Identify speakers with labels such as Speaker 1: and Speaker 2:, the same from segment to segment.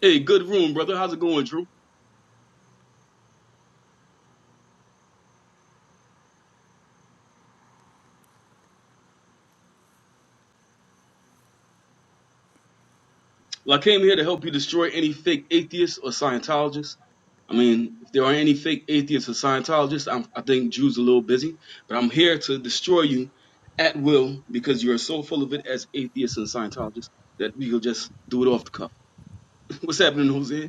Speaker 1: Hey, good room, brother. How's it going, Drew? Well, I came here to help you destroy any fake atheists or Scientologists. I mean, if there are any fake atheists or Scientologists, I'm, I think Drew's a little busy, but I'm here to destroy you at will because you're so full of it as atheists and Scientologists that you'll just do it off the cuff. What's happening, Jose?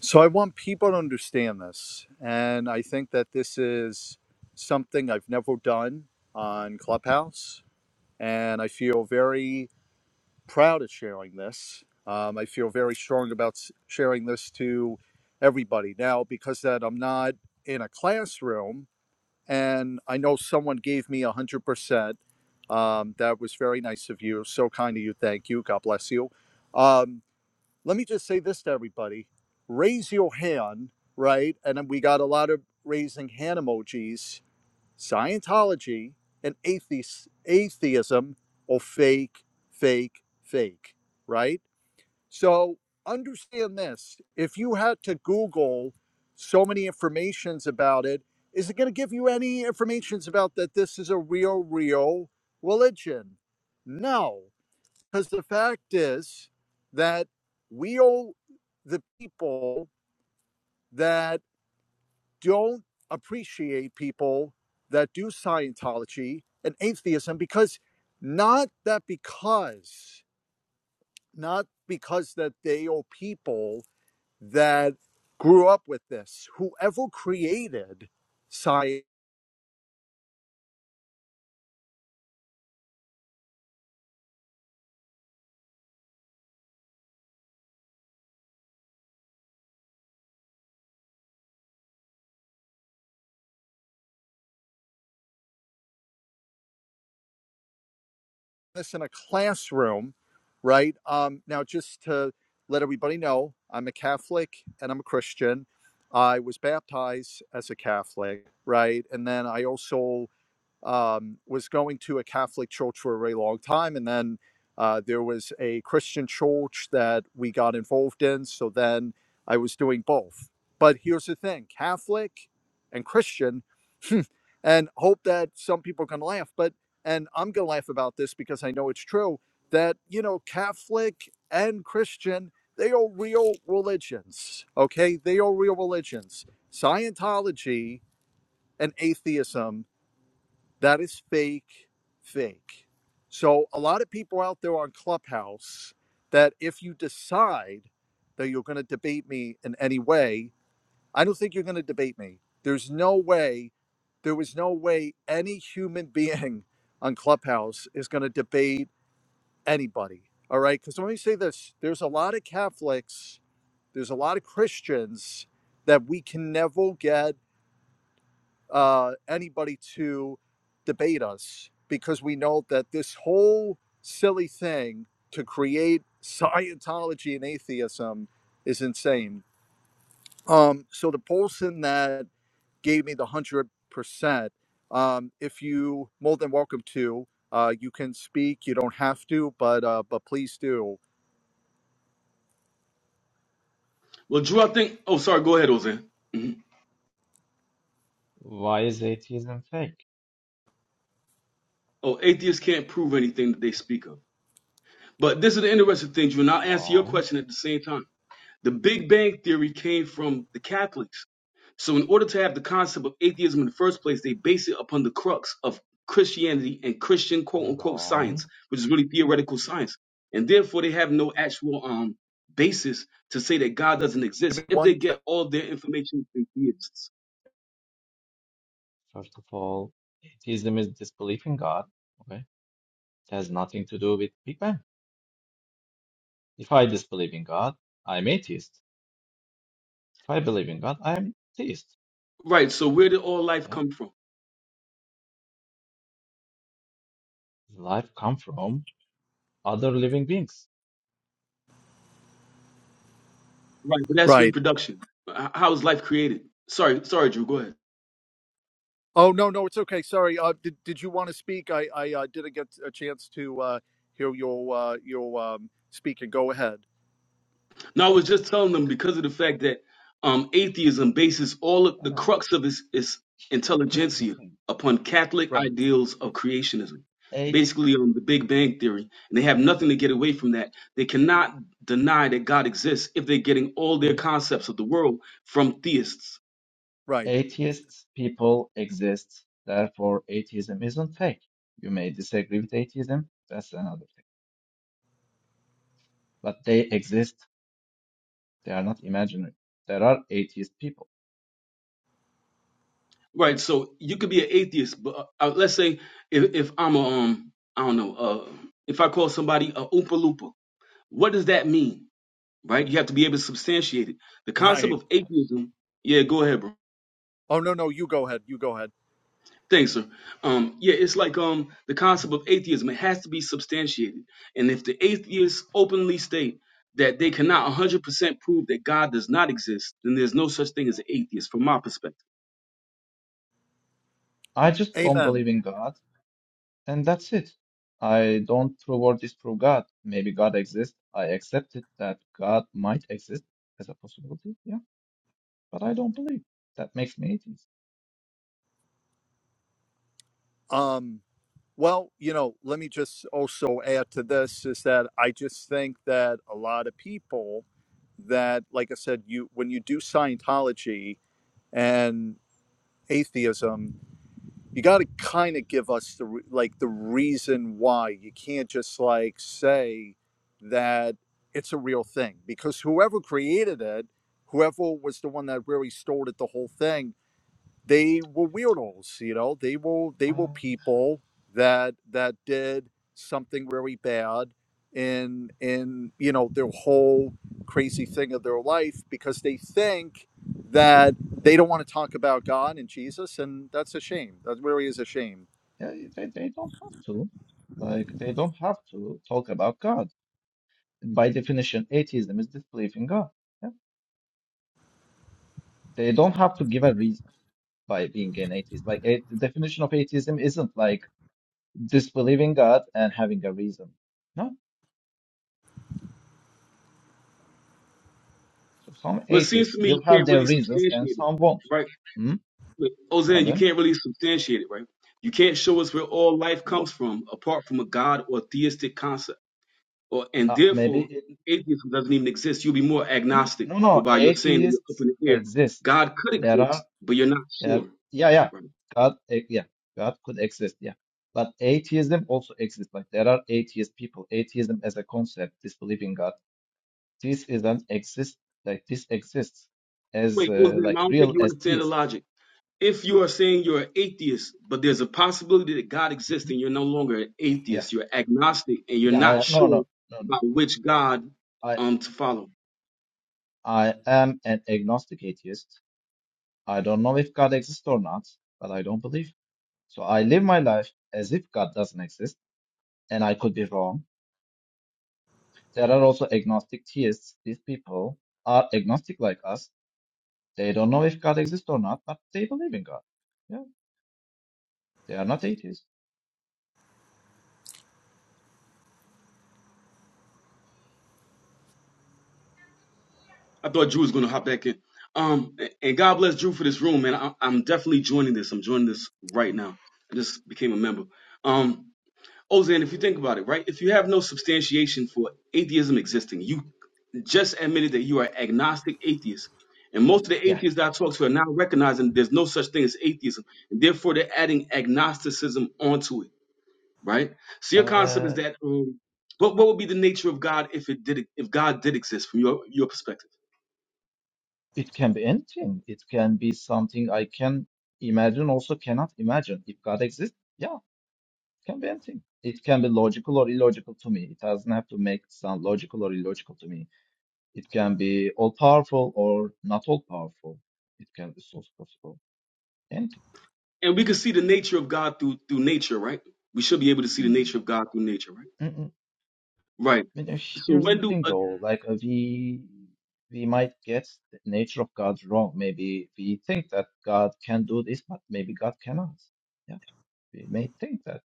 Speaker 2: So I want people to understand this. And I think that this is something I've never done on Clubhouse. And I feel very proud of sharing this. Um, I feel very strong about s- sharing this to everybody now because that I'm not in a classroom and I know someone gave me 100%. Um, that was very nice of you. So kind of you. Thank you. God bless you. Um, let me just say this to everybody raise your hand right and we got a lot of raising hand emojis scientology and atheist, atheism or fake fake fake right so understand this if you had to google so many informations about it is it going to give you any informations about that this is a real real religion no because the fact is that we owe the people that don't appreciate people that do Scientology and atheism because not that because, not because that they owe people that grew up with this. Whoever created Scientology this in a classroom, right? Um, now, just to let everybody know, I'm a Catholic and I'm a Christian. I was baptized as a Catholic, right? And then I also um, was going to a Catholic church for a very long time, and then uh, there was a Christian church that we got involved in. So then I was doing both. But here's the thing: Catholic and Christian, and hope that some people can laugh. But and I'm gonna laugh about this because I know it's true that you know Catholic and Christian they are real religions. Okay, they are real religions. Scientology and atheism that is fake, fake. So, a lot of people out there on Clubhouse that if you decide that you're going to debate me in any way, I don't think you're going to debate me. There's no way, there was no way any human being on Clubhouse is going to debate anybody. All right. Because let me say this there's a lot of Catholics, there's a lot of Christians that we can never get uh, anybody to debate us because we know that this whole silly thing to create Scientology and atheism is insane. Um, so the Polson that gave me the hundred percent. Um, if you more than welcome to, uh, you can speak. You don't have to, but uh, but please do.
Speaker 1: Well, Drew, I think. Oh, sorry. Go ahead, Jose. hmm
Speaker 3: Why is atheism fake?
Speaker 1: Oh, atheists can't prove anything that they speak of. But this is the interesting thing, Drew, and I'll answer your
Speaker 3: Wrong,
Speaker 1: question at the same time. The Big Bang Theory came from the Catholics So, in order to have the concept of atheism in the first place, they base it upon the crux of Christianity and Christian quote unquote science,
Speaker 3: wrong.
Speaker 1: which is really theoretical science. And therefore, they have no actual um, basis to say that God doesn't
Speaker 2: Give
Speaker 1: exist
Speaker 2: me
Speaker 1: if they
Speaker 2: one.
Speaker 1: get
Speaker 2: sec-
Speaker 1: all their information from theists.
Speaker 3: First of all, atheism is disbelief in God. Okay, it has nothing to do with Big Bang. If I disbelieve in God, I'm atheist. If I believe in God, I'm theist.
Speaker 1: Right. So, where did all life
Speaker 3: Yeah,
Speaker 1: come from?
Speaker 3: life comes from other living beings.
Speaker 1: Right. But that's
Speaker 2: Right.
Speaker 1: reproduction. H- How is life created? Sorry, sorry, Drew. Go ahead.
Speaker 2: Oh no, no, it's okay. Sorry. Uh, did did you want to speak? I I uh, didn't get a chance to uh, hear your uh, your um, speaking. Go ahead.
Speaker 1: No, I was just telling them because of the fact that um, atheism bases all of the
Speaker 3: Uh,
Speaker 1: crux of its, its
Speaker 3: here's the
Speaker 1: intelligentsia
Speaker 3: thing:
Speaker 1: upon Catholic
Speaker 2: Right.
Speaker 1: ideals of creationism,
Speaker 3: a-
Speaker 1: basically on the Big Bang theory, and they have nothing to get away from that. They cannot deny that God exists if they're getting all their
Speaker 3: a-
Speaker 1: concepts of the world from theists,
Speaker 2: Right.
Speaker 3: atheists people exist. Therefore, atheism isn't fake. You may disagree with atheism. That's another thing. But they exist They are not imaginary. There are atheist people.
Speaker 1: right? So you could be an atheist, but uh, uh, let's say if, if I'm a um, I don't know, uh, if I call somebody a Oompa Loompa, what does that mean? right? You have to be able to substantiate it. The concept
Speaker 2: Right.
Speaker 1: of atheism, yeah, go ahead, bro.
Speaker 2: Oh no, no, you go ahead. You go ahead.
Speaker 1: Thanks, sir. Um, yeah, it's like um the concept of atheism. It has to be substantiated, and if the atheists openly state that they cannot 100% prove that God does not exist, then there's no such thing as an atheist, from my perspective.
Speaker 3: I just don't
Speaker 2: Amen.
Speaker 3: believe in God, and that's it. I don't prove or disprove God. Maybe God exists. I accepted that God might exist as a possibility, yeah, but I don't believe. That makes me atheist.
Speaker 2: Um. Well, you know, let me just also add to this is that I just think that a lot of people that, like I said, you when you do Scientology and atheism, you got to kind of give us the re- like the reason why you can't just like say that it's a real thing because whoever created it whoever was the one that really started the whole thing they were weirdos you know they were they were
Speaker 3: Uh,
Speaker 2: people that that did something really bad in in you know their whole crazy thing of their life because they think that they don't want to talk about god and jesus and that's a shame that really is a shame
Speaker 3: yeah, they, they don't have to. Like, they don't have to talk about God. By definition, atheism is disbelief in God. Yeah? They don't have to give a reason by being an atheist. Like, a, the definition of atheism isn't like, disbelieving God and having a reason. No. So some
Speaker 1: Well, it seems
Speaker 3: atheists
Speaker 1: to me you
Speaker 3: will have
Speaker 1: can't
Speaker 3: their
Speaker 1: really
Speaker 3: reasons and
Speaker 1: substantiate it,
Speaker 3: some won't.
Speaker 1: right?
Speaker 3: Hmm?
Speaker 1: But, Ozan, you
Speaker 3: Pardon?
Speaker 1: can't really substantiate it, right? You can't show us where all life
Speaker 3: Wha-
Speaker 1: comes from apart from a God or theistic concept. or and
Speaker 3: Uh, maybe
Speaker 1: therefore
Speaker 3: it,
Speaker 1: atheism doesn't even exist. You'll be more
Speaker 3: yeah.
Speaker 1: agnostic,
Speaker 3: no, no.
Speaker 1: whereby you're saying that you're up
Speaker 3: Atheists
Speaker 1: in the air.
Speaker 3: exist.
Speaker 1: God could
Speaker 3: There are
Speaker 1: exist, but you're not
Speaker 3: there.
Speaker 1: sure.
Speaker 3: Yeah, yeah.
Speaker 1: Right?
Speaker 3: God, eh, yeah. God could exist. Yeah. But atheism also exists. Like there are atheist people. Atheism as a concept, disbelieving God. This is an exist. Like this exists as
Speaker 1: Wait,
Speaker 3: uh,
Speaker 1: Ozam,
Speaker 3: like
Speaker 1: I don't
Speaker 3: real
Speaker 1: think you
Speaker 3: as
Speaker 1: understand the
Speaker 3: theists.
Speaker 1: logic. If you are saying you're an atheist, but there's a possibility that God exists
Speaker 3: Mhm.
Speaker 1: and you're no longer an
Speaker 3: Yeah.
Speaker 1: atheist, you're agnostic and you're
Speaker 3: Yeah.
Speaker 1: not
Speaker 3: I- No.
Speaker 1: sure
Speaker 3: No. No. No.
Speaker 1: about which God
Speaker 3: I
Speaker 1: um to follow.
Speaker 3: I am an agnostic atheist. I don't know if God exists or not, but I don't believe. So I live my life as if God doesn't exist, and I could be wrong. There are also agnostic theists. These people are agnostic like us. They don't know if God exists or not, but they believe in God. Yeah, they are not atheists.
Speaker 1: I thought Drew was gonna hop back in. Um and God bless Drew for this room, man. I, I'm definitely joining this. I'm joining this right now. I just became a member. Um Ozan, if you think about it, right? If you have no substantiation for atheism existing, you just admitted that you are agnostic atheist. And most of the
Speaker 3: Yeah,
Speaker 1: atheists that I talk to are now recognizing there's no such thing as atheism. And therefore, they're adding agnosticism onto it, right? So your concept is
Speaker 3: uh,
Speaker 1: that um, what, what would be the nature of God if it did if God did exist from your, your perspective?
Speaker 3: it can be anything. It can be something I can imagine, also cannot imagine. If God exists, yeah. It can be anything. It can be logical or illogical to me. It doesn't have to make it sound logical or illogical to me. It can be all powerful or not all powerful. It can be source possible. Anything.
Speaker 1: And we can see the nature of God through through nature, right? We should be able to see the nature of God through nature, right?
Speaker 3: Mm-mm.
Speaker 1: Right.
Speaker 3: But uh,
Speaker 1: So
Speaker 3: here's
Speaker 1: when
Speaker 3: the
Speaker 1: do
Speaker 3: thing though, like uh, we we might get the nature of God wrong. Maybe we think that God can do this, but maybe God cannot. Yeah, we may think that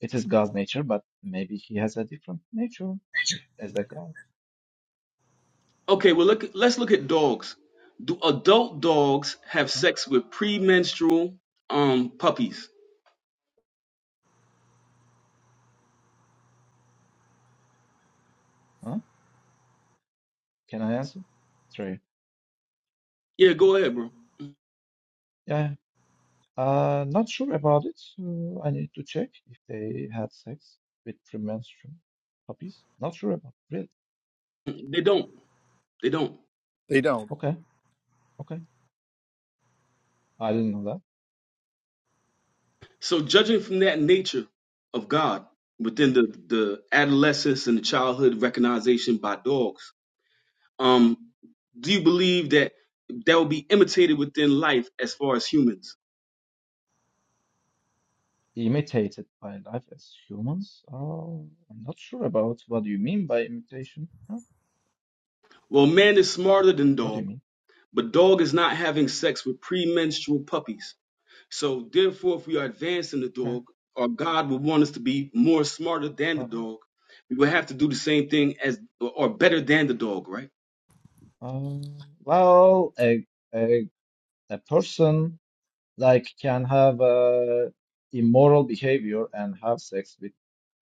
Speaker 3: it is God's nature, but maybe He has a different nature if, as a God.
Speaker 1: Okay, well look let's look at dogs. Do adult dogs have
Speaker 3: Okay,
Speaker 1: sex with premenstrual um puppies?
Speaker 3: huh? Can I answer? Sorry.
Speaker 1: Yeah, go ahead, bro.
Speaker 3: Yeah, uh, not sure about it. Uh, I need to check if they had sex with premenstrual puppies. Not sure about really.
Speaker 1: They don't. They don't.
Speaker 2: they don't
Speaker 3: Okay, okay. I didn't know that.
Speaker 1: So judging from that nature of God within the the adolescence and the childhood recognition by dogs, um, do you believe that that will be imitated within life as far as humans?
Speaker 3: Imitated by life as humans. Oh, I'm not sure about what you mean by imitation. Huh?
Speaker 1: Well, man is smarter than
Speaker 3: What do you
Speaker 1: dog,
Speaker 3: mean?
Speaker 1: but dog is not having sex with premenstrual puppies. So therefore, if we are advancing the
Speaker 3: Okay.
Speaker 1: dog, or God would want us to be more smarter than the
Speaker 3: Well,
Speaker 1: dog, we would have to do the same thing as or better than the dog, right?
Speaker 3: um, well, a, a a person like can have uh, immoral behavior and have sex with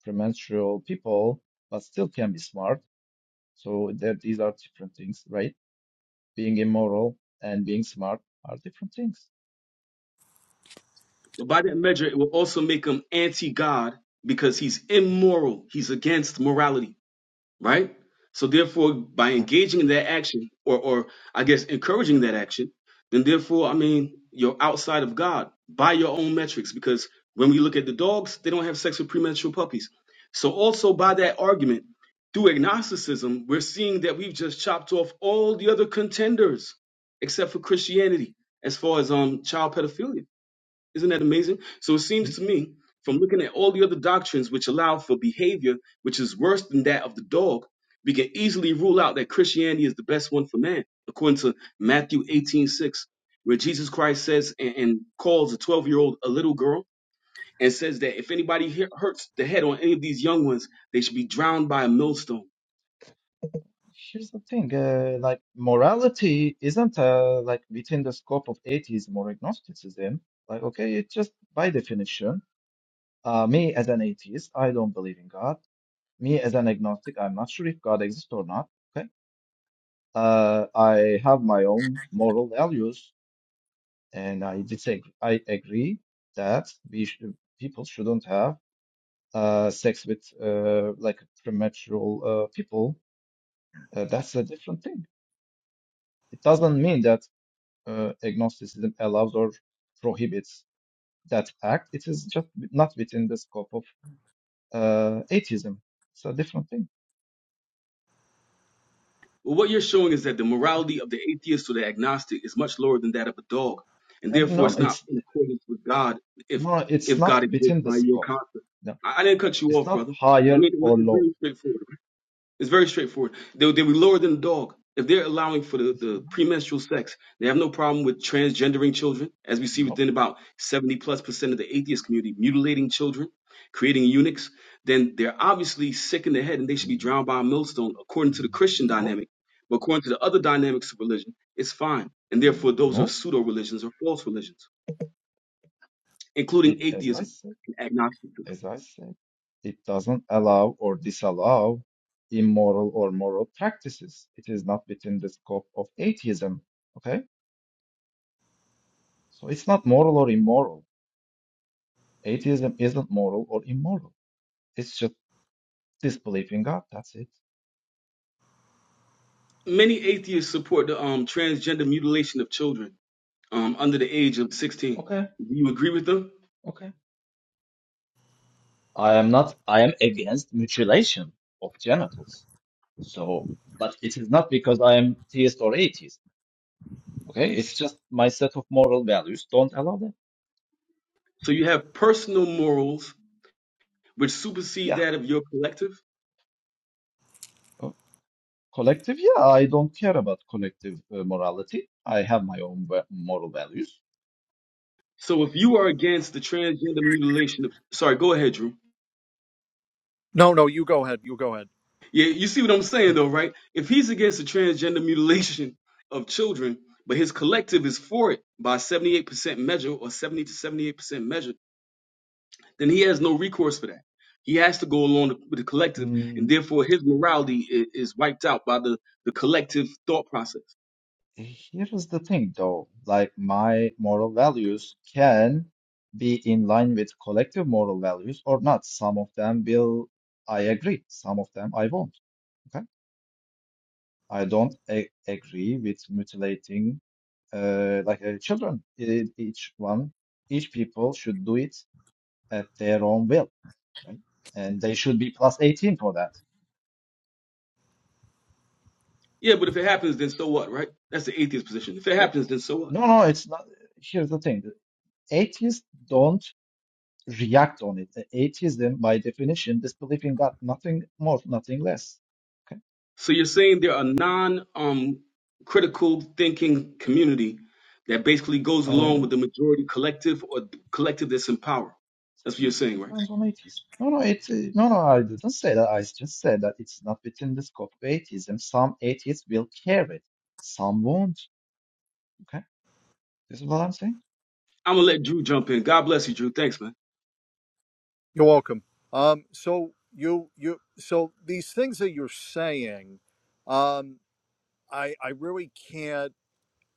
Speaker 3: premenstrual people, but still can be smart So there, these are different things, right? Being immoral and being smart are different things.
Speaker 1: But by that measure, it will also make him anti-God because he's immoral. He's against morality. right? So therefore, by
Speaker 3: Huh?
Speaker 1: engaging in that action, or or I guess encouraging that action, then therefore, I mean, you're outside of God by your own metrics, because when we look at the dogs, they don't have sex with premature puppies. So also by
Speaker 3: Okay.
Speaker 1: that argument, through agnosticism, we're seeing that we've just chopped off all the other contenders except for Christianity as far as um child pedophilia. Isn't that amazing? So it seems to
Speaker 3: Did you?
Speaker 1: me, from
Speaker 3: No?
Speaker 1: looking at all the other doctrines which allow for behavior which is worse than that of the dog, we can easily rule out that Christianity is the best one for man, according to Matthew
Speaker 3: No?
Speaker 1: 18:6, where Jesus Christ says and, and calls a 12 year old a little girl and says that if anybody hit- hurts the head on any of these young ones, they should be drowned by a millstone.
Speaker 3: Here's the thing, uh, like morality isn't uh, like within the scope of atheism or agnosticism. Like, okay, it's just by definition. Uh, me as an atheist, I don't believe in God. Me as an agnostic, I'm not sure if God exists or not. Okay, uh, I have my own moral values. And I disagree. I agree that we sh people shouldn't have uh, sex with uh, like premature uh, people. Uh, that's a different thing. It doesn't mean that uh, agnosticism allows or prohibits that act. It is just not within the scope of uh, atheism. It's a different thing.
Speaker 1: Well, what you're showing is that the morality of the atheist or the agnostic is much lower than that of a dog, and
Speaker 3: And
Speaker 1: therefore
Speaker 3: no, no,
Speaker 1: it's not
Speaker 3: it's
Speaker 1: in accordance with God if
Speaker 3: no, no, it's
Speaker 1: if
Speaker 3: not
Speaker 1: God exists
Speaker 3: within the
Speaker 1: by your
Speaker 3: scope.
Speaker 1: concept.
Speaker 3: No,
Speaker 1: I, I didn't cut you
Speaker 3: it's
Speaker 1: off,
Speaker 3: not
Speaker 1: brother. I
Speaker 3: higher
Speaker 1: mean,
Speaker 3: or
Speaker 1: it's
Speaker 3: lower.
Speaker 1: very straightforward. It's very straightforward. They, they were lower than a dog. If they're allowing for the,
Speaker 3: It's-
Speaker 1: the premenstrual sex, they have no problem with transgendering children, as we see
Speaker 3: No,
Speaker 1: within about 70 plus percent of the atheist community, mutilating children, creating eunuchs, then they're obviously sick in the head and they should be
Speaker 3: mm,
Speaker 1: drowned by a millstone, according to the Christian
Speaker 3: no,
Speaker 1: dynamic. But according to the other dynamics of religion, it's fine. And therefore, those are
Speaker 3: no.
Speaker 1: pseudo religions or false religions,
Speaker 3: It,
Speaker 1: including
Speaker 3: as I
Speaker 1: atheism
Speaker 3: said,
Speaker 1: and agnosticism.
Speaker 3: as I said, it doesn't allow or disallow immoral or moral practices. It is not within the scope of atheism. Okay? So it's not moral or immoral. Atheism isn't moral or immoral. It's just disbelief in God. That's it.
Speaker 1: Many atheists support the um, transgender mutilation of children um, under the age of 16.
Speaker 3: Okay,
Speaker 1: Do you agree with them?
Speaker 3: okay. I am not, I am against mutilation of genitals. So, but it is not because I am theist or atheist. Okay, it's just my set of moral values don't allow that.
Speaker 1: So you have personal morals which supersede
Speaker 3: Yeah.
Speaker 1: that of your collective.
Speaker 3: Collective, yeah, I don't care about collective uh, morality. I have my own va- moral values.
Speaker 1: So if you are against the transgender mutilation of, sorry, go ahead, Drew.
Speaker 2: no no you go ahead you go ahead
Speaker 1: Yeah, you see what I'm saying though, right? If he's against the transgender mutilation of children, but his collective is for it by 78% measure or 70 to 78% measure, then he has no recourse for that. He has to go along with the collective, and
Speaker 3: Mm,
Speaker 1: therefore his morality i- is wiped out by the, the collective thought process.
Speaker 3: here is the thing, though. Like, my moral values can be in line with collective moral values or not. Some of them will, I agree. Some of them I won't. Okay. I don't a agree with mutilating, uh, like uh, children. It, each one, each people should do it at their own will, right? And they should be plus 18 for that.
Speaker 1: Yeah, but if it happens, then so what, right? That's the atheist position. If it
Speaker 3: Yeah.
Speaker 1: happens, then so what?
Speaker 3: No, no, it's not. Here's the thing. The atheists don't react on it. The atheism, by definition, disbelief in God, nothing more, nothing less. Okay.
Speaker 1: So you're saying there are non um critical thinking community that basically goes along
Speaker 3: Uh,
Speaker 1: with the majority collective or collective that's in power. That's what you're
Speaker 3: it
Speaker 1: saying, right?
Speaker 3: depends on atheists. No, no, it's uh, no, no. I didn't say that. I just said that it's not within the scope of atheism. Some atheists will care it, some won't. Okay, this is what I'm saying.
Speaker 1: I'm gonna let Drew jump in. God bless you, Drew. Thanks, man.
Speaker 2: you're welcome um so you you so these things that you're saying um i i really can't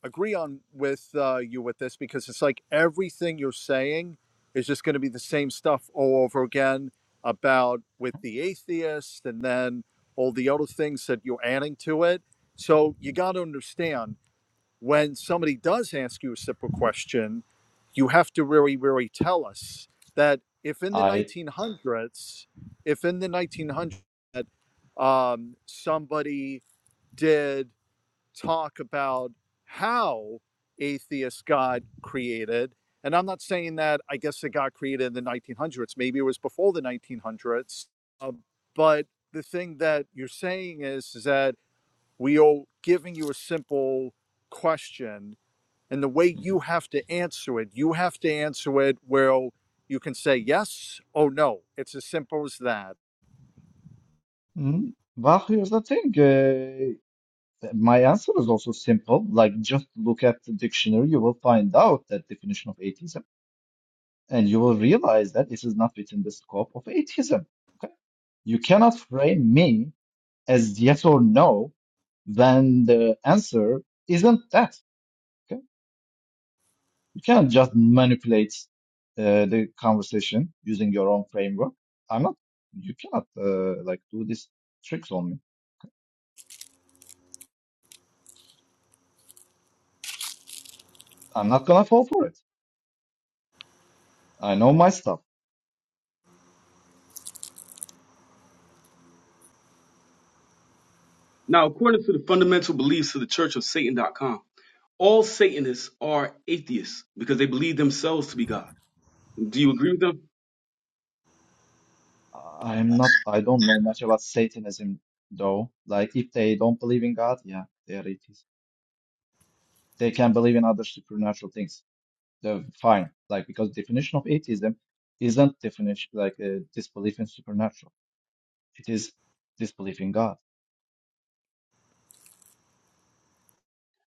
Speaker 2: agree on with uh, you with this because it's like everything you're saying is just going to be the same stuff all over again about with the atheist and then all the other things that you're adding to it. So you got to understand when somebody does ask you a simple question, you have to really, really tell us that if in the
Speaker 3: I.
Speaker 2: 1900s, if in the 1900s, um, somebody did talk about how atheist God created. And I'm not saying that I guess it got created in the 1900s. Maybe it was before the 1900s. Uh, but the thing that you're saying is, is that we are giving you a simple question, and the way
Speaker 3: Mhm.
Speaker 2: you have to answer it, you have to answer it where you can say yes or no. It's as simple as that.
Speaker 3: Mhm. Well, here's the thing. uh, My answer is also simple. Like, just look at the dictionary, you will find out that definition of atheism, and you will realize that this is not within the scope of atheism. Okay? You cannot frame me as yes or no when the answer isn't that. Okay? You can't just manipulate uh, the conversation using your own framework. I'm not. You cannot uh, like do these tricks on me. I'm not gonna fall for it. I know my stuff.
Speaker 1: Now, according to the fundamental beliefs of the Church of Satan.com, all Satanists are atheists because they believe themselves to be God. Do you agree with them?
Speaker 3: I'm not, I don't know much about Satanism though. Like if they don't believe in God, yeah, they are atheists. They can believe in other supernatural things. They're fine. Like because definition of atheism isn't definition like uh, disbelief in supernatural. It is disbelief in God.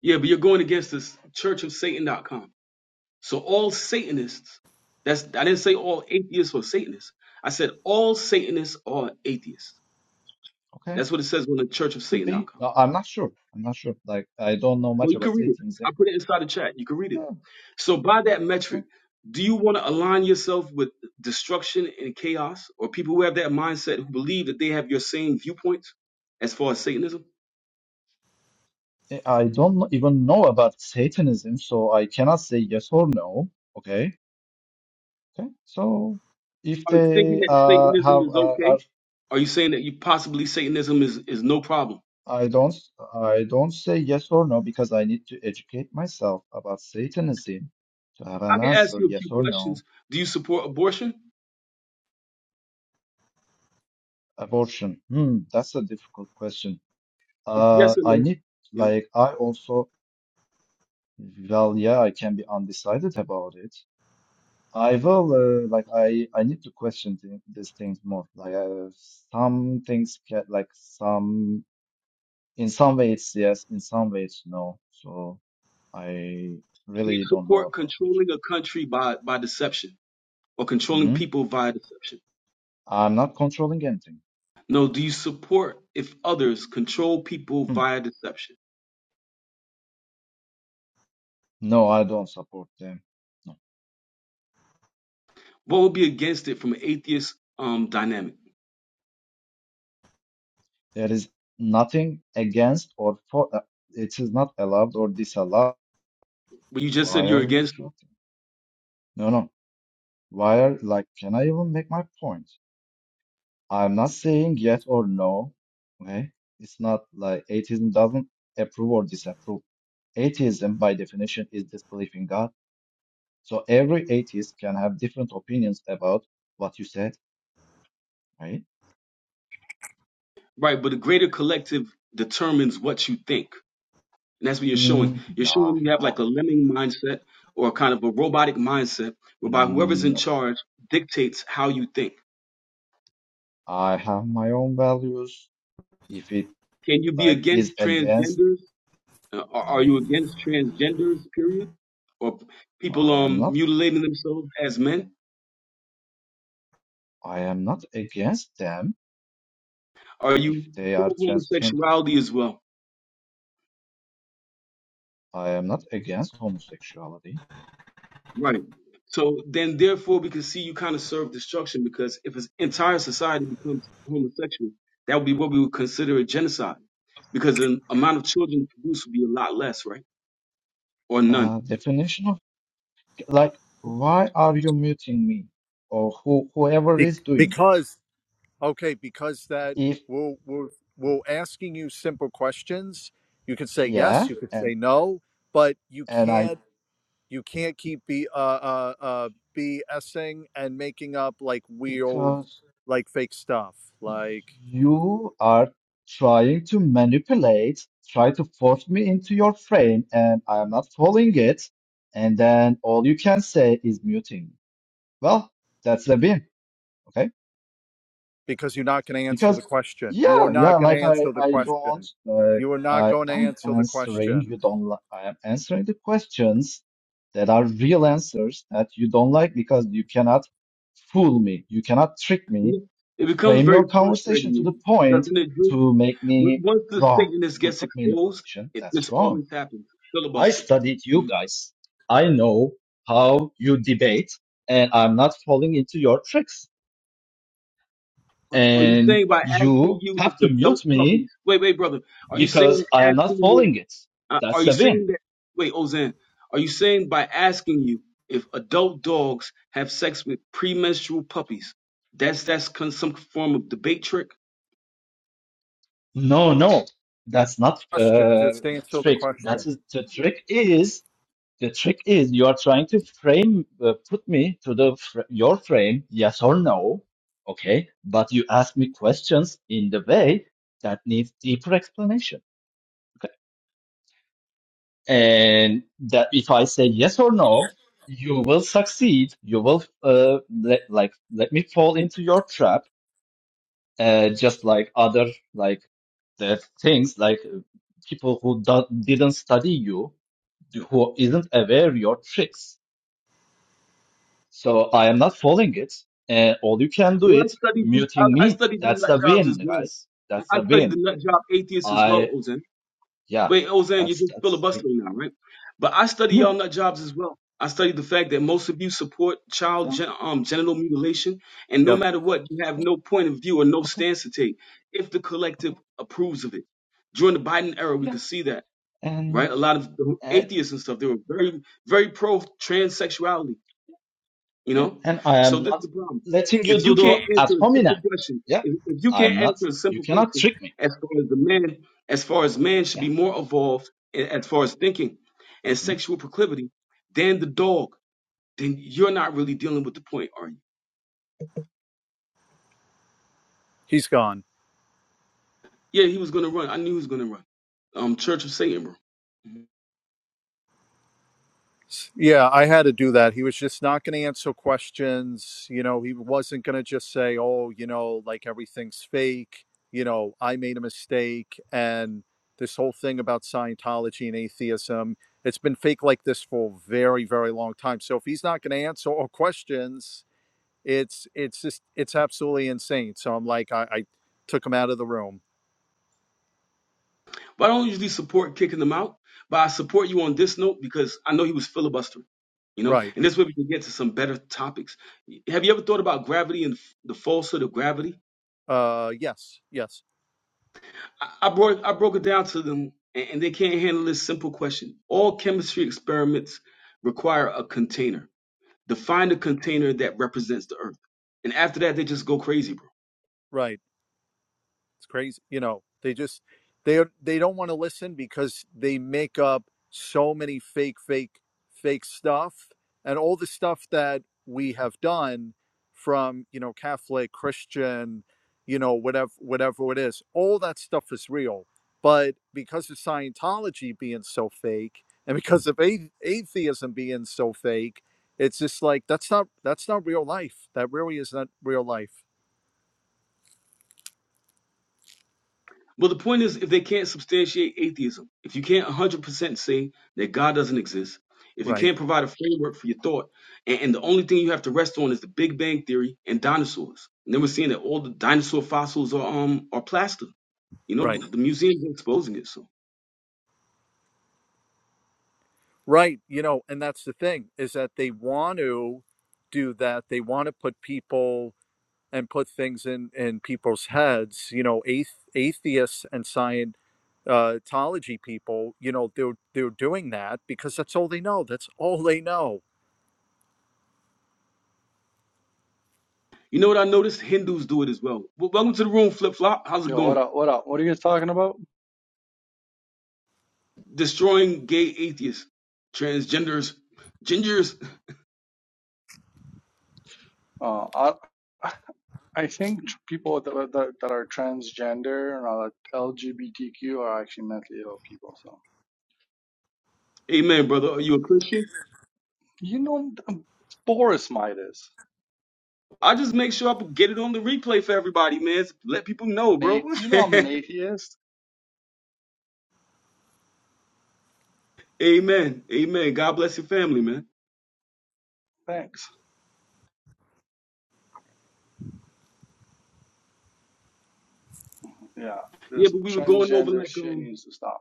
Speaker 1: Yeah, but you're going against this Church of Satan.com. So all Satanists, that's I didn't say all atheists were Satanists. I said all Satanists are atheists.
Speaker 3: Okay,
Speaker 1: That's what it says on the Church of
Speaker 3: could
Speaker 1: Satan
Speaker 3: be.
Speaker 1: outcome.
Speaker 3: No, I'm not sure. I'm not sure. Like I don't know much
Speaker 1: Well, you
Speaker 3: about
Speaker 1: can read it.
Speaker 3: Satanism.
Speaker 1: I put it inside the chat. You can read it.
Speaker 3: Yeah,
Speaker 1: So by that
Speaker 3: okay.
Speaker 1: metric, do you want to align yourself with destruction and chaos or people who have that mindset who believe that they have your same viewpoints as far as Satanism?
Speaker 3: I I don't even know about Satanism, so I cannot say yes or no. Okay. Okay, so if
Speaker 1: Are you thinking
Speaker 3: they
Speaker 1: that
Speaker 3: uh,
Speaker 1: Satanism
Speaker 3: have
Speaker 1: is
Speaker 3: uh, are,
Speaker 1: okay? Are you saying that you possibly Satanism is, is no problem?
Speaker 3: I don't I don't say yes or no because I need to educate myself about Satanism to have
Speaker 1: I
Speaker 3: an
Speaker 1: can ask
Speaker 3: answer
Speaker 1: you a few
Speaker 3: yes or no.
Speaker 1: questions. Do you support abortion?
Speaker 3: Abortion, hmm, that's a difficult question.
Speaker 1: It's
Speaker 3: Uh,
Speaker 1: Yes or
Speaker 3: I
Speaker 1: no?
Speaker 3: need
Speaker 1: Yeah.
Speaker 3: like I also well yeah I can be undecided about it. I will uh, like I I need to question th these things more. Like uh, some things get like some in some ways yes, in some ways no. So. I
Speaker 1: Do you
Speaker 3: really don't know
Speaker 1: support
Speaker 3: about it.
Speaker 1: controlling a country by, by deception or controlling
Speaker 3: Hmm?
Speaker 1: people via deception?
Speaker 3: I'm not controlling anything.
Speaker 1: No. Do you support if others control people
Speaker 3: Hmm.
Speaker 1: via deception?
Speaker 3: No, I don't support them. No,
Speaker 1: What would be against it from an atheist um, dynamic?
Speaker 3: there is nothing against or for. Uh, it is not allowed or disallowed.
Speaker 1: But you just said
Speaker 3: Why are
Speaker 1: you're
Speaker 3: you
Speaker 1: against it.
Speaker 3: interrupting? No, no. Why are like? Can I even make my point? I'm not saying yes or no. Okay, it's not like atheism doesn't approve or disapprove. Atheism, by definition, is disbelief in God. So every atheist can have different opinions about what you said right?
Speaker 1: Right. But the greater collective determines what you think. And that's what you're showing.
Speaker 3: Mm,
Speaker 1: You're
Speaker 3: nah,
Speaker 1: showing you have
Speaker 3: nah.
Speaker 1: like a lemming mindset or kind of a robotic mindset whereby whoever's
Speaker 3: Mm,
Speaker 1: in
Speaker 3: No,
Speaker 1: charge dictates how you think.
Speaker 3: I have my own values. If it
Speaker 1: Can you be
Speaker 3: like
Speaker 1: against
Speaker 3: is against,
Speaker 1: transgenders Uh, are, are you against transgenders, period? Or people
Speaker 3: I am
Speaker 1: um
Speaker 3: not.
Speaker 1: mutilating themselves as men?
Speaker 3: I am not against them
Speaker 1: Are
Speaker 3: if
Speaker 1: you
Speaker 3: they
Speaker 1: pro
Speaker 3: are transgender.
Speaker 1: homosexuality as well?
Speaker 3: I am not against homosexuality.
Speaker 1: Right. So then, therefore, we can see you kind of serve destruction because if an entire society becomes homosexual, that would be what we would consider a genocide because the amount of children produced would be a lot less, right? Or none.
Speaker 3: Uh, definition of like, why are you muting me or who whoever
Speaker 2: Be-
Speaker 3: is doing it?
Speaker 2: because Okay, because that
Speaker 3: If
Speaker 2: we're, we're, we're asking you simple questions. You could say yes,
Speaker 3: yeah,
Speaker 2: you could
Speaker 3: and
Speaker 2: say no, but you
Speaker 3: and I
Speaker 2: can't you can't keep be uh uh uh BSing and making up like weird
Speaker 3: because.
Speaker 2: like fake stuff like
Speaker 3: You are trying to manipulate, try to force me into your frame, and I am not following it. And then all you can say is muting. Well, that's the win. Okay.
Speaker 2: because you're not going to answer
Speaker 3: Because
Speaker 2: the question. You are
Speaker 3: yeah, yeah,
Speaker 2: not going to
Speaker 3: like I
Speaker 2: answer the
Speaker 3: I don't
Speaker 2: question.
Speaker 3: like
Speaker 2: You are not
Speaker 3: I
Speaker 2: going to
Speaker 3: am
Speaker 2: answer the
Speaker 3: answering you
Speaker 2: question.
Speaker 3: don't like I am answering the questions that are real answers that you don't like because you cannot fool me. You cannot trick me.
Speaker 1: It becomes
Speaker 3: Frame your
Speaker 1: very
Speaker 3: conversation to
Speaker 1: frustrating,
Speaker 3: the point
Speaker 1: doesn't it, Drew?
Speaker 3: to make
Speaker 1: When-
Speaker 3: me
Speaker 1: Once the
Speaker 3: wrong.
Speaker 1: Satanist
Speaker 3: to
Speaker 1: gets
Speaker 3: Put me in the
Speaker 1: exposed,
Speaker 3: position
Speaker 1: it,
Speaker 3: that's
Speaker 1: this
Speaker 3: wrong.
Speaker 1: always happens.
Speaker 3: I
Speaker 1: Filibuster.
Speaker 3: studied
Speaker 1: Mm-hmm.
Speaker 3: you guys. I know how you debate and I'm not falling into your tricks.
Speaker 1: Are are you
Speaker 3: And
Speaker 1: saying by asking
Speaker 3: you
Speaker 1: you
Speaker 3: have to
Speaker 1: if adult
Speaker 3: mute me
Speaker 1: puppies? Wait, wait, brother. Are you saying
Speaker 3: because
Speaker 1: that
Speaker 3: I am not
Speaker 1: asking you?
Speaker 3: following it.
Speaker 1: Uh,
Speaker 3: That's
Speaker 1: are you
Speaker 3: the win.
Speaker 1: saying that? Wait, Ozan. Are you saying by asking you if adult dogs have sex with premenstrual puppies? That's that's con- some form of debate trick.
Speaker 3: No, no, that's not
Speaker 2: Question.
Speaker 3: uh,
Speaker 2: Just answer the
Speaker 3: trick. That
Speaker 2: question.
Speaker 3: is the trick is the trick is you are trying to frame uh, put me to the fr your frame, yes or no, okay? But you ask me questions in the way that needs deeper explanation. and that if I say yes or no, you will succeed. You will uh, let, like let me fall into your trap, uh, just like other like the things like uh, people who do- didn't study you, who isn't aware your tricks. So I am not following it, and all you can do
Speaker 1: Well, I
Speaker 3: it
Speaker 1: studied the
Speaker 3: muting
Speaker 1: I, I
Speaker 3: me.
Speaker 1: studied the
Speaker 3: That's
Speaker 1: nut
Speaker 3: the
Speaker 1: jobs
Speaker 3: win,
Speaker 1: as well.
Speaker 3: guys.
Speaker 1: I
Speaker 3: That's
Speaker 1: I
Speaker 3: the
Speaker 1: studied the
Speaker 3: win.
Speaker 1: nut job atheists as well,
Speaker 3: I
Speaker 1: Ozan.
Speaker 3: yeah,
Speaker 1: Wait, Ozan, you're
Speaker 3: that's
Speaker 1: just
Speaker 3: that's me.
Speaker 1: filibustering now, right? But I study y'all
Speaker 3: yeah.
Speaker 1: nut jobs as well. I study the fact that most of you support child gen- um, genital mutilation, and no
Speaker 2: Yep.
Speaker 1: matter what, you have
Speaker 3: Okay.
Speaker 1: no point of view or no
Speaker 3: Okay.
Speaker 1: stance to take if the collective
Speaker 3: Okay.
Speaker 1: approves of it. During the Biden era, we
Speaker 3: Yeah.
Speaker 1: could see that,
Speaker 3: And.
Speaker 1: right? A lot of the
Speaker 3: Uh,
Speaker 1: atheists and stuff, they were very, very pro transsexuality. You
Speaker 3: Yeah,
Speaker 1: know?
Speaker 3: and I
Speaker 1: So
Speaker 3: am
Speaker 1: this is
Speaker 3: not
Speaker 1: the problem.
Speaker 3: letting you
Speaker 1: If
Speaker 3: do
Speaker 1: you
Speaker 3: the
Speaker 1: can't
Speaker 3: ad
Speaker 1: answer a simple
Speaker 3: hominem.
Speaker 1: question,
Speaker 3: Yeah,
Speaker 1: if, if you
Speaker 3: I'm
Speaker 1: can't
Speaker 3: not.
Speaker 1: answer a
Speaker 3: You
Speaker 1: simple
Speaker 3: cannot
Speaker 1: question
Speaker 3: trick me.
Speaker 1: as far as the man, as far as man should
Speaker 3: Yeah.
Speaker 1: be more evolved a- as far as thinking and sexual proclivity than the dog, then you're not really dealing with the point, are you?
Speaker 2: He's gone.
Speaker 1: Yeah, he was gonna run. I knew he was gonna run. Um Church of Satan, bro. Mm-hmm.
Speaker 2: Yeah, I had to do that. He was just not going to answer questions. You know, he wasn't going to just say, oh, you know, like everything's fake. You know, I made a mistake. And this whole thing about Scientology and atheism, it's been fake like this for a very, very long time. So if he's not going to answer all questions, it's it's just it's absolutely insane. So I'm like, I, I took him out of the room.
Speaker 1: But I don't usually support kicking them out, but I support you on this note because I know he was filibustering, you know,
Speaker 2: Right.
Speaker 1: and this way we can get to some better topics. Have you ever thought about gravity and the falsehood of gravity?
Speaker 2: Uh yes, yes.
Speaker 1: I, I broke I broke it down to them, and, and they can't handle this simple question. All chemistry experiments require a container. Define the container that represents the Earth, and after that they just go crazy, bro.
Speaker 2: Right. It's crazy. You know, they just they they don't want to listen because they make up so many fake, fake, fake stuff, and all the stuff that we have done from you know Catholic, Christian, you know whatever whatever it is. All that stuff is real, but because of Scientology being so fake, and because of a- atheism being so fake. It's just like that's not that's not real life. That really is not real life.
Speaker 1: Well, the point is, if they can't substantiate atheism, if you can't 100% say that God doesn't exist, if you
Speaker 2: Right.
Speaker 1: can't provide a framework for your thought, and, and the only thing you have to rest on is the Big Bang Theory and dinosaurs, and then we're seeing that all the dinosaur fossils are um are plaster. You know,
Speaker 2: Right.
Speaker 1: the museum's exposing it. So,
Speaker 2: Right. You know, and that's the thing is that they want to do that. They want to put people and put things in in people's heads. You know, ath- atheists and Scientology people. You know, they're they're doing that because that's all they know. That's all they know.
Speaker 1: you know what I noticed? Hindus do it as well. well welcome to the room, Flip Flop. How's it
Speaker 4: Yeah, what
Speaker 1: going?
Speaker 4: up, what up? What are you guys talking about?
Speaker 1: Destroying gay atheists, transgenders, gingers.
Speaker 4: Uh, I, I think people that, are- that that are transgender and are LGBTQ are actually mentally ill people. So
Speaker 1: Amen, brother. Are you a Christian?
Speaker 4: you know, um, Boris Midas.
Speaker 1: I just make sure I get it on the replay for everybody, man. Let people know, bro.
Speaker 4: Nate, you know I'm an atheist.
Speaker 1: Amen. Amen. God bless your family, man.
Speaker 4: Thanks. Yeah,
Speaker 1: Yeah,
Speaker 4: this
Speaker 1: but we were going over
Speaker 4: transgender
Speaker 1: like
Speaker 4: shit
Speaker 1: um
Speaker 4: needs to stop.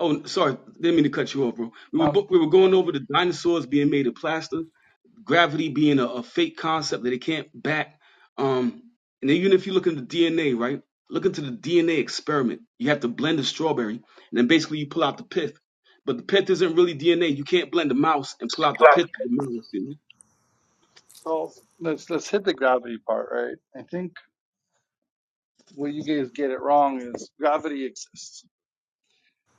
Speaker 1: oh sorry, didn't mean to cut you off, bro. We were
Speaker 4: Um,
Speaker 1: bo- we were going over the dinosaurs being made of plaster, gravity being a, a fake concept that they can't back. Um and then even if you look into DNA, right? Look into the DNA experiment. You have to blend a strawberry, and then basically you pull out the pith. But the pith isn't really DNA. You can't blend a mouse and pull out the pith of the mouse, you know?
Speaker 4: so let's let's hit the gravity part, right? I think where you guys get it wrong is gravity exists.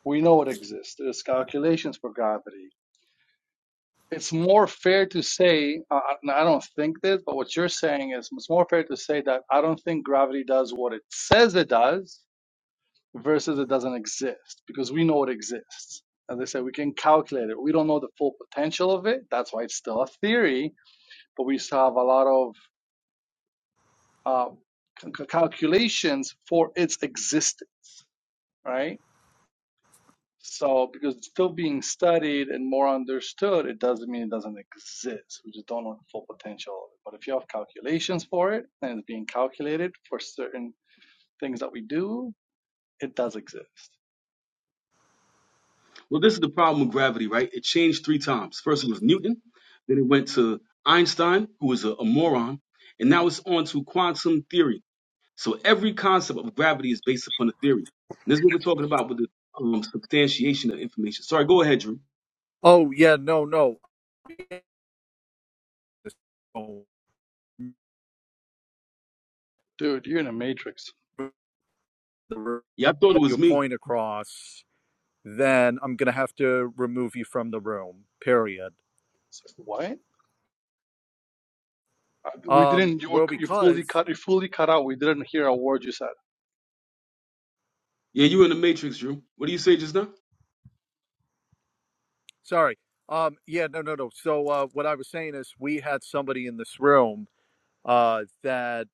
Speaker 4: We know it exists. There's calculations for gravity it's more fair to say, uh, I don't think this, but what you're saying is it's more fair to say that I don't think gravity does what it says it does versus it doesn't exist because we know it exists. As I said, we can calculate it. We don't know the full potential of it. That's why it's still a theory, but we still have a lot of uh, c- calculations for its existence, right? So, because it's still being studied and more understood, it doesn't mean it doesn't exist. We just don't know the full potential of it. But if you have calculations for it and it's being calculated for certain things that we do, it does exist.
Speaker 1: Well, this is the problem with gravity, right? It changed three times. First, it was Newton, then it went to Einstein, who was a, a moron, and now it's on to quantum theory. So every concept of gravity is based upon a theory. And this is what we're talking about with the um, substantiation of information. Sorry, go ahead, Drew.
Speaker 2: Oh yeah, no, no. Oh,
Speaker 4: Dude, you're in a matrix.
Speaker 1: Yeah, I thought it
Speaker 2: Get
Speaker 1: was
Speaker 2: your
Speaker 1: me.
Speaker 2: point across. Then I'm gonna have to remove you from the room. Period.
Speaker 4: It's like, what? Uh, We
Speaker 2: Um.
Speaker 4: didn't. You were
Speaker 2: Well,
Speaker 4: you fully
Speaker 2: because
Speaker 4: cut. You fully cut out. We didn't hear a word you said.
Speaker 1: Yeah, you were in the Matrix, Drew. What do you say just now?
Speaker 2: Sorry. Um, yeah, no, no, no. So uh, what I was saying is, we had somebody in this room uh, that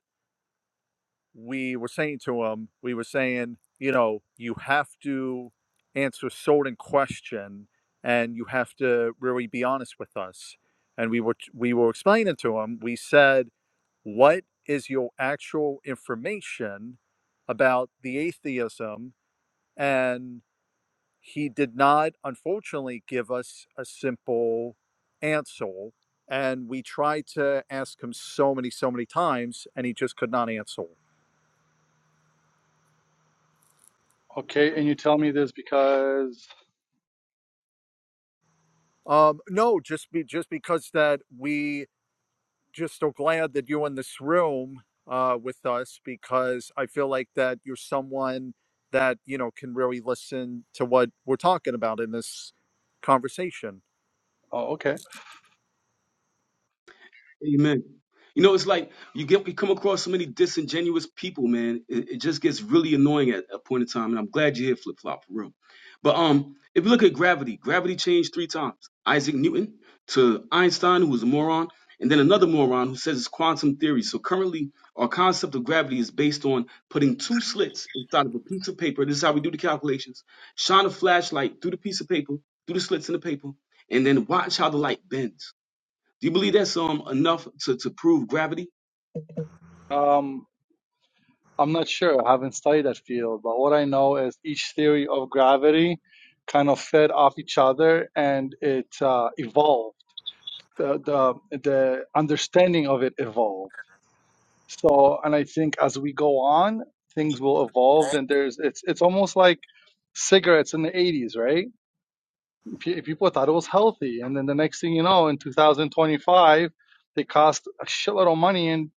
Speaker 2: we were saying to him, we were saying, you know, you have to answer a certain question, and you have to really be honest with us. And we were we were explaining to him. We said, what is your actual information about the atheism? and he did not, unfortunately, give us a simple answer. And we tried to ask him so many, so many times, and he just could not answer.
Speaker 4: Okay, and you tell me this because.
Speaker 2: Um, no, just be just because that we just are glad that you're in this room uh, with us because I feel like that you're someone that you know can really listen to what we're talking about in this conversation.
Speaker 4: Oh, okay.
Speaker 1: Amen. You know, it's like you get you come across so many disingenuous people, man. It, it just gets really annoying at a point in time. And I'm glad you hit flip flop for real. But um, if you look at gravity, gravity changed three times: Isaac Newton to Einstein, who was a moron, and then another moron who says it's quantum theory. So currently, our concept of gravity is based on putting two slits inside of a piece of paper. This is how we do the calculations: shine a flashlight through the piece of paper, through the slits in the paper, and then watch how the light bends. Do you believe that's um enough to, to prove gravity?
Speaker 4: Um. I'm not sure. I haven't studied that field, but what I know is each theory of gravity kind of fed off each other, and it uh, evolved. The, the the understanding of it evolved. So, and I think as we go on, things will evolve. And there's it's it's almost like cigarettes in the 80s, right? Pe- People thought it was healthy, and then the next thing you know, in 2025, they cost a shitload of money, and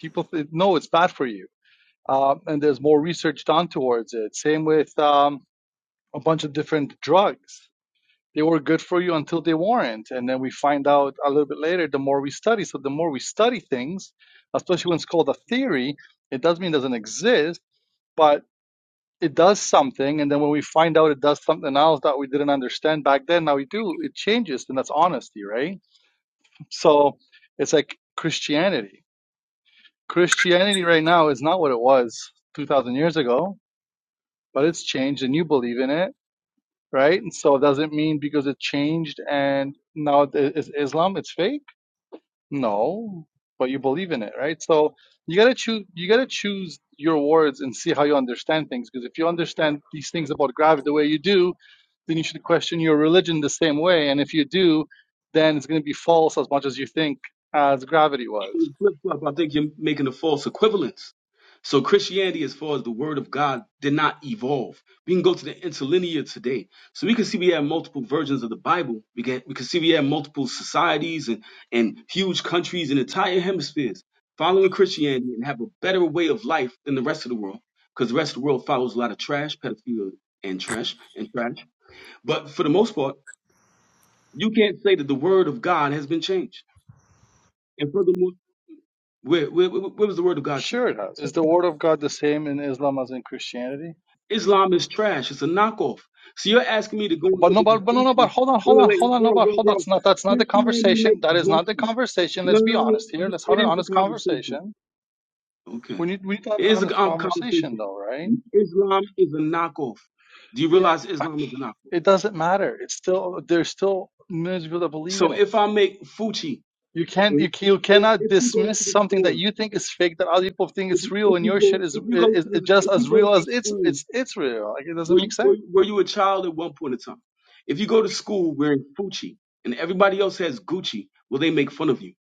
Speaker 4: people th- know it's bad for you uh, and there's more research done towards it. Same with um, a bunch of different drugs. They were good for you until they weren't, and then we find out a little bit later. The more we study, so the more we study things, especially when it's called a theory, it doesn't mean it doesn't exist, but it does something. And then when we find out it does something else that we didn't understand back then, now we do. It changes, and that's honesty, right? So it's like Christianity. Christianity right now is not what it was 2,000 years ago but it's changed and you believe in it, right? And so does it mean because it changed and now it is Islam, it's fake? No, but you believe in it, right? So you gotta choose. You gotta choose your words and see how you understand things. Because if you understand these things about gravity the way you do, then you should question your religion the same way. And if you do, then it's gonna be false as much as you think as gravity was.
Speaker 1: Flip flop, I think you're making a false equivalence. So Christianity, as far as the word of God, did not evolve. We can go to the interlinear today. So we can see we have multiple versions of the Bible. We can we can see we have multiple societies and, and huge countries and entire hemispheres following Christianity and have a better way of life than the rest of the world. Because the rest of the world follows a lot of trash, pedophilia and trash and trash. But for the most part, you can't say that the word of God has been changed. And furthermore, where, where, where where was the word of God change?
Speaker 4: Sure, it has. Is the word of God the same in Islam as in Christianity?
Speaker 1: Islam is trash. It's a knockoff. So you're asking me to go and
Speaker 4: But
Speaker 1: look
Speaker 4: no,
Speaker 1: at the
Speaker 4: but, but no, no, but
Speaker 1: Gucci.
Speaker 4: hold on,
Speaker 1: Wait,
Speaker 4: hold
Speaker 1: wait,
Speaker 4: on, hold
Speaker 1: wait,
Speaker 4: on, no,
Speaker 1: bro,
Speaker 4: but
Speaker 1: bro,
Speaker 4: hold on. It's
Speaker 1: bro.
Speaker 4: not that's not the
Speaker 1: Christianity
Speaker 4: conversation.
Speaker 1: makes
Speaker 4: That is not the
Speaker 1: Gucci.
Speaker 4: conversation.
Speaker 1: No,
Speaker 4: Let's be
Speaker 1: no, no.
Speaker 4: honest here. Let's have
Speaker 1: It
Speaker 4: an
Speaker 1: is
Speaker 4: honest
Speaker 1: a conversation.
Speaker 4: conversation. We
Speaker 1: Okay.
Speaker 4: need we need to have
Speaker 1: It
Speaker 4: an
Speaker 1: is a
Speaker 4: honest
Speaker 1: con-
Speaker 4: conversation
Speaker 1: conversation.
Speaker 4: though, right?
Speaker 1: Islam is a knockoff. Do you
Speaker 4: It
Speaker 1: realize Islam is a knockoff?
Speaker 4: it doesn't matter. It's still there's still millions of people that believe
Speaker 1: So
Speaker 4: in it.
Speaker 1: if I make Fuchi,
Speaker 4: You can't
Speaker 1: and
Speaker 4: you, ca- you
Speaker 1: if,
Speaker 4: cannot
Speaker 1: if you go
Speaker 4: dismiss
Speaker 1: to the
Speaker 4: something that
Speaker 1: store,
Speaker 4: you think is fake that other people think
Speaker 1: if,
Speaker 4: it's real
Speaker 1: if
Speaker 4: and
Speaker 1: you
Speaker 4: your
Speaker 1: go,
Speaker 4: shit is
Speaker 1: if you go to
Speaker 4: is, is
Speaker 1: the,
Speaker 4: just
Speaker 1: if you
Speaker 4: as
Speaker 1: go
Speaker 4: real
Speaker 1: to
Speaker 4: as it's
Speaker 1: school
Speaker 4: it's it's real. Like it doesn't
Speaker 1: Were you,
Speaker 4: make
Speaker 1: were,
Speaker 4: sense.
Speaker 1: you- were you a child at one point in time? If you go to school wearing Gucci and everybody else has Gucci, will they make fun of you?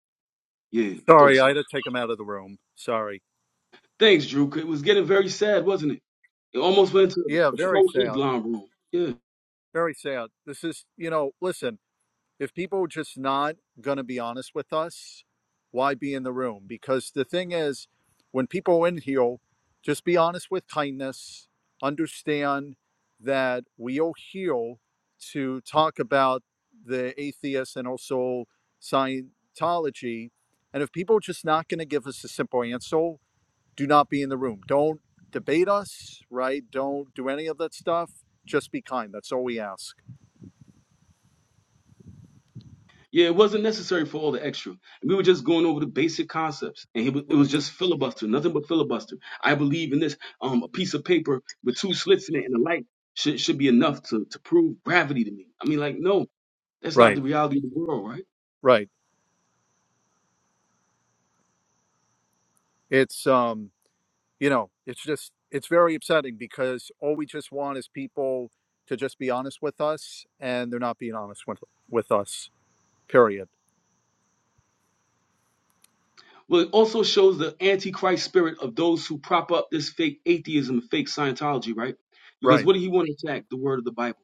Speaker 1: Yeah, I thought
Speaker 2: Sorry, I
Speaker 1: so.
Speaker 2: had to take him out of the room. Sorry.
Speaker 1: Thanks, Drew. It was getting very sad, wasn't it? It almost went to
Speaker 2: Yeah,
Speaker 1: a
Speaker 2: very sad.
Speaker 1: pro-Islam room. Yeah,
Speaker 2: Very sad. This is, you know, listen, if people are just not going to be honest with us, why be in the room? Because the thing is, when people are in here, just be honest with kindness, understand that we are here to talk about the atheists and also Scientology. And if people are just not going to give us a simple answer, do not be in the room. Don't debate us, right? Don't do any of that stuff. Just be kind. That's all we ask.
Speaker 1: yeah. It wasn't necessary for all the extra. We were just going over the basic concepts, and it was, it was just filibuster, nothing but filibuster. I believe in this. Um, a piece of paper with two slits in it and a light should should be enough to to prove gravity to me. I mean, like, no, that's not the
Speaker 2: Right,
Speaker 1: reality of the world, right?
Speaker 2: right. It's um, you know, it's just it's very upsetting because all we just want is people to just be honest with us, and they're not being honest with with us. Period.
Speaker 1: Well, it also shows the antichrist spirit of those who prop up this fake atheism, fake Scientology, right? Because
Speaker 2: Right,
Speaker 1: what did he want to attack? The word of the Bible.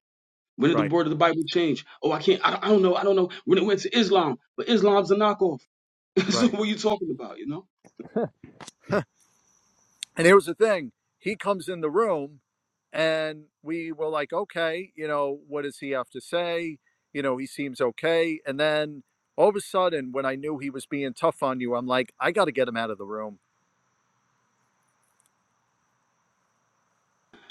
Speaker 1: When did the
Speaker 2: right,
Speaker 1: word of the Bible change? Oh, I can't. I don't, I don't know. I don't know. When it went to Islam, but Islam's a knockoff. so
Speaker 2: right.
Speaker 1: what are you talking about? You know.
Speaker 2: And here's the thing: he comes in the room, and we were like, okay, you know, what does he have to say? You know, he seems okay. And then all of a sudden, when I knew he was being tough on you, I'm like, I got to get him out of the room.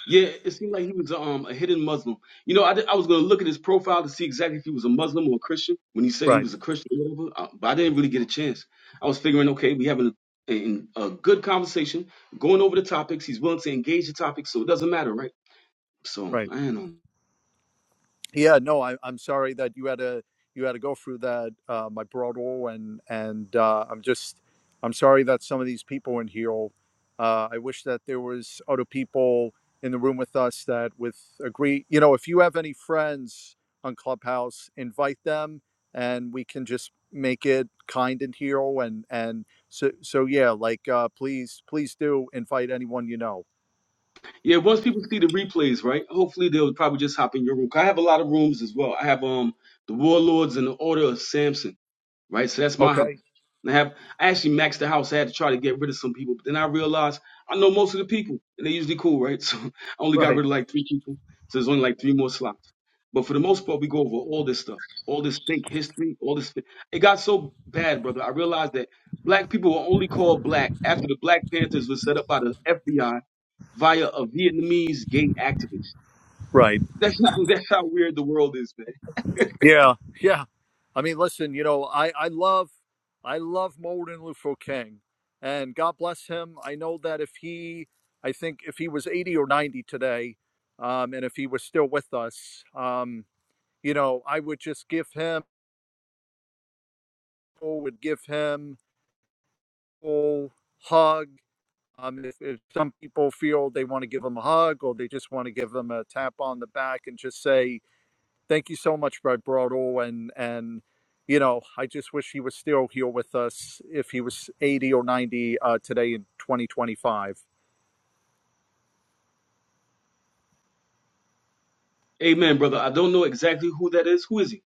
Speaker 1: Yeah, it seemed like he was um a hidden Muslim. You know, I, did- I was gonna look at his profile to see exactly if he was a Muslim or a Christian when he said he
Speaker 2: Right,
Speaker 1: was a Christian or whatever, uh, but I didn't really get a chance. I was figuring, okay, we having a, in a good conversation, going over the topics. He's willing to engage the topics, so it doesn't matter, right? So
Speaker 2: right.
Speaker 1: I don't know.
Speaker 2: Yeah, no, I, I'm sorry that you had to you had to go through that, uh, my brother, and and uh, I'm just I'm sorry that some of these people in here. Uh, I wish that there was other people in the room with us that with agree. You know, if you have any friends on Clubhouse, invite them, and we can just make it kind and here. And and so so yeah, like uh, please please do invite anyone you know.
Speaker 1: Yeah, once people see the replays, right? Hopefully they'll probably just hop in your room. 'Cause I have a lot of rooms as well. I have um the Warlords and the Order of Samson, right? So that's my house.
Speaker 2: Okay.
Speaker 1: And I have I actually maxed the house. I had to try to get rid of some people, but then I realized I know most of the people, and they usually cool, right? So I only got
Speaker 2: Right.
Speaker 1: rid of like three people. So there's only like three more slots. But for the most part, we go over all this stuff, all this fake history, all this. fa- It got so bad, brother. I realized that black people were only called black after the Black Panthers were set up by the FBI via a Vietnamese gay activist.
Speaker 2: Right.
Speaker 1: That's how that's how weird the world is, man.
Speaker 2: Yeah, yeah. I mean, listen, you know, I I love I love Martin Luther King, and God bless him. I know that if he, I think if he was eighty or ninety today, um, and if he was still with us, um, you know, I would just give him or would give him a full hug. Um, if, if some people feel they want to give him a hug or they just want to give him a tap on the back and just say, thank you so much, Brad Broadall, and and you know, I just wish he was still here with us if he was 80 or 90 uh, today in 2025.
Speaker 1: Amen, brother. I don't know exactly who that is. Who is he?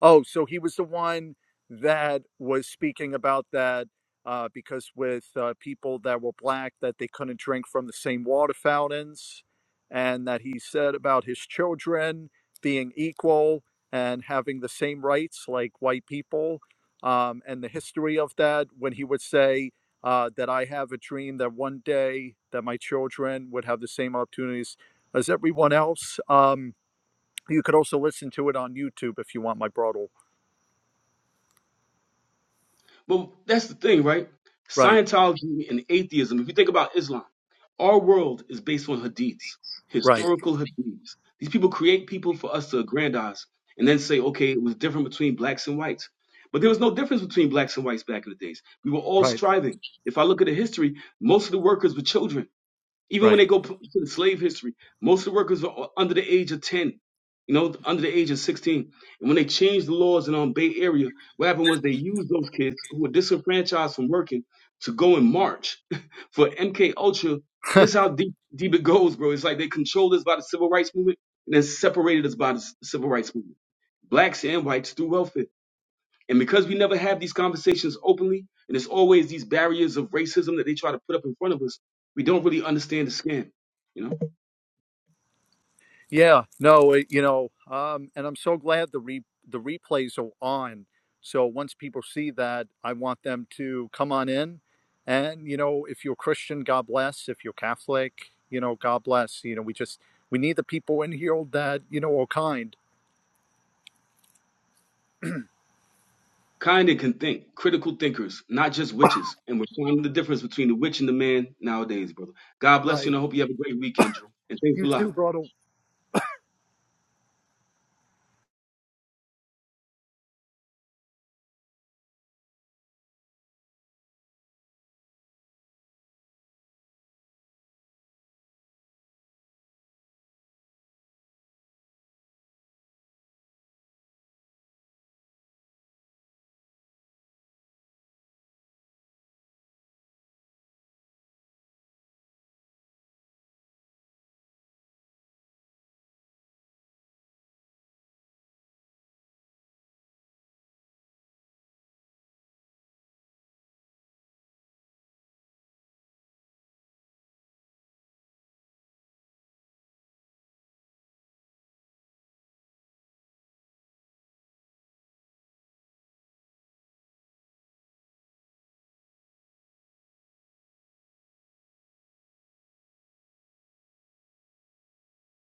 Speaker 2: Oh, so he was the one that was speaking about that uh, because with uh, people that were black that they couldn't drink from the same water fountains, and that he said about his children being equal and having the same rights like white people, um, and the history of that when he would say. Uh, that I have a dream that one day that my children would have the same opportunities as everyone else. Um, you could also listen to it on YouTube if you want my broad
Speaker 1: But that's the thing, right?
Speaker 2: right,
Speaker 1: Scientology and atheism, if you think about Islam, our world is based on hadiths,
Speaker 2: right,
Speaker 1: historical hadiths. These people create people for us to aggrandize and then say, okay, it was different between blacks and whites. But there was no difference between blacks and whites back in the days. We were all
Speaker 2: right,
Speaker 1: striving. If I look at the history, most of the workers were children. Even when
Speaker 2: right.
Speaker 1: they go to the slave history, most of the workers are under the age of 10, you know, under the age of 16. And when they changed the laws in um, Bay Area, what happened was they used those kids who were disenfranchised from working to go and march for MK Ultra. This is how deep, deep it goes, bro. It's like they controlled us by the civil rights movement and then separated us by the c- civil rights movement. Blacks and whites through welfare. And because we never have these conversations openly, and there's always these barriers of racism that they try to put up in front of us, we don't really understand the scam. You know,
Speaker 2: Yeah, no, it, you know, um, and I'm so glad the re- the replays are on. So once people see that, I want them to come on in. And you know, if you're Christian, God bless. If you're Catholic, you know, God bless. You know, we just we need the people in here that you know are kind.
Speaker 1: kind and can think, critical thinkers, not just witches. And we're finding the difference between the witch and the man nowadays, brother. God bless you,
Speaker 2: Right.
Speaker 1: and I hope you have a great weekend, Drew. And thanks a
Speaker 2: You too,
Speaker 1: lot.
Speaker 2: brother.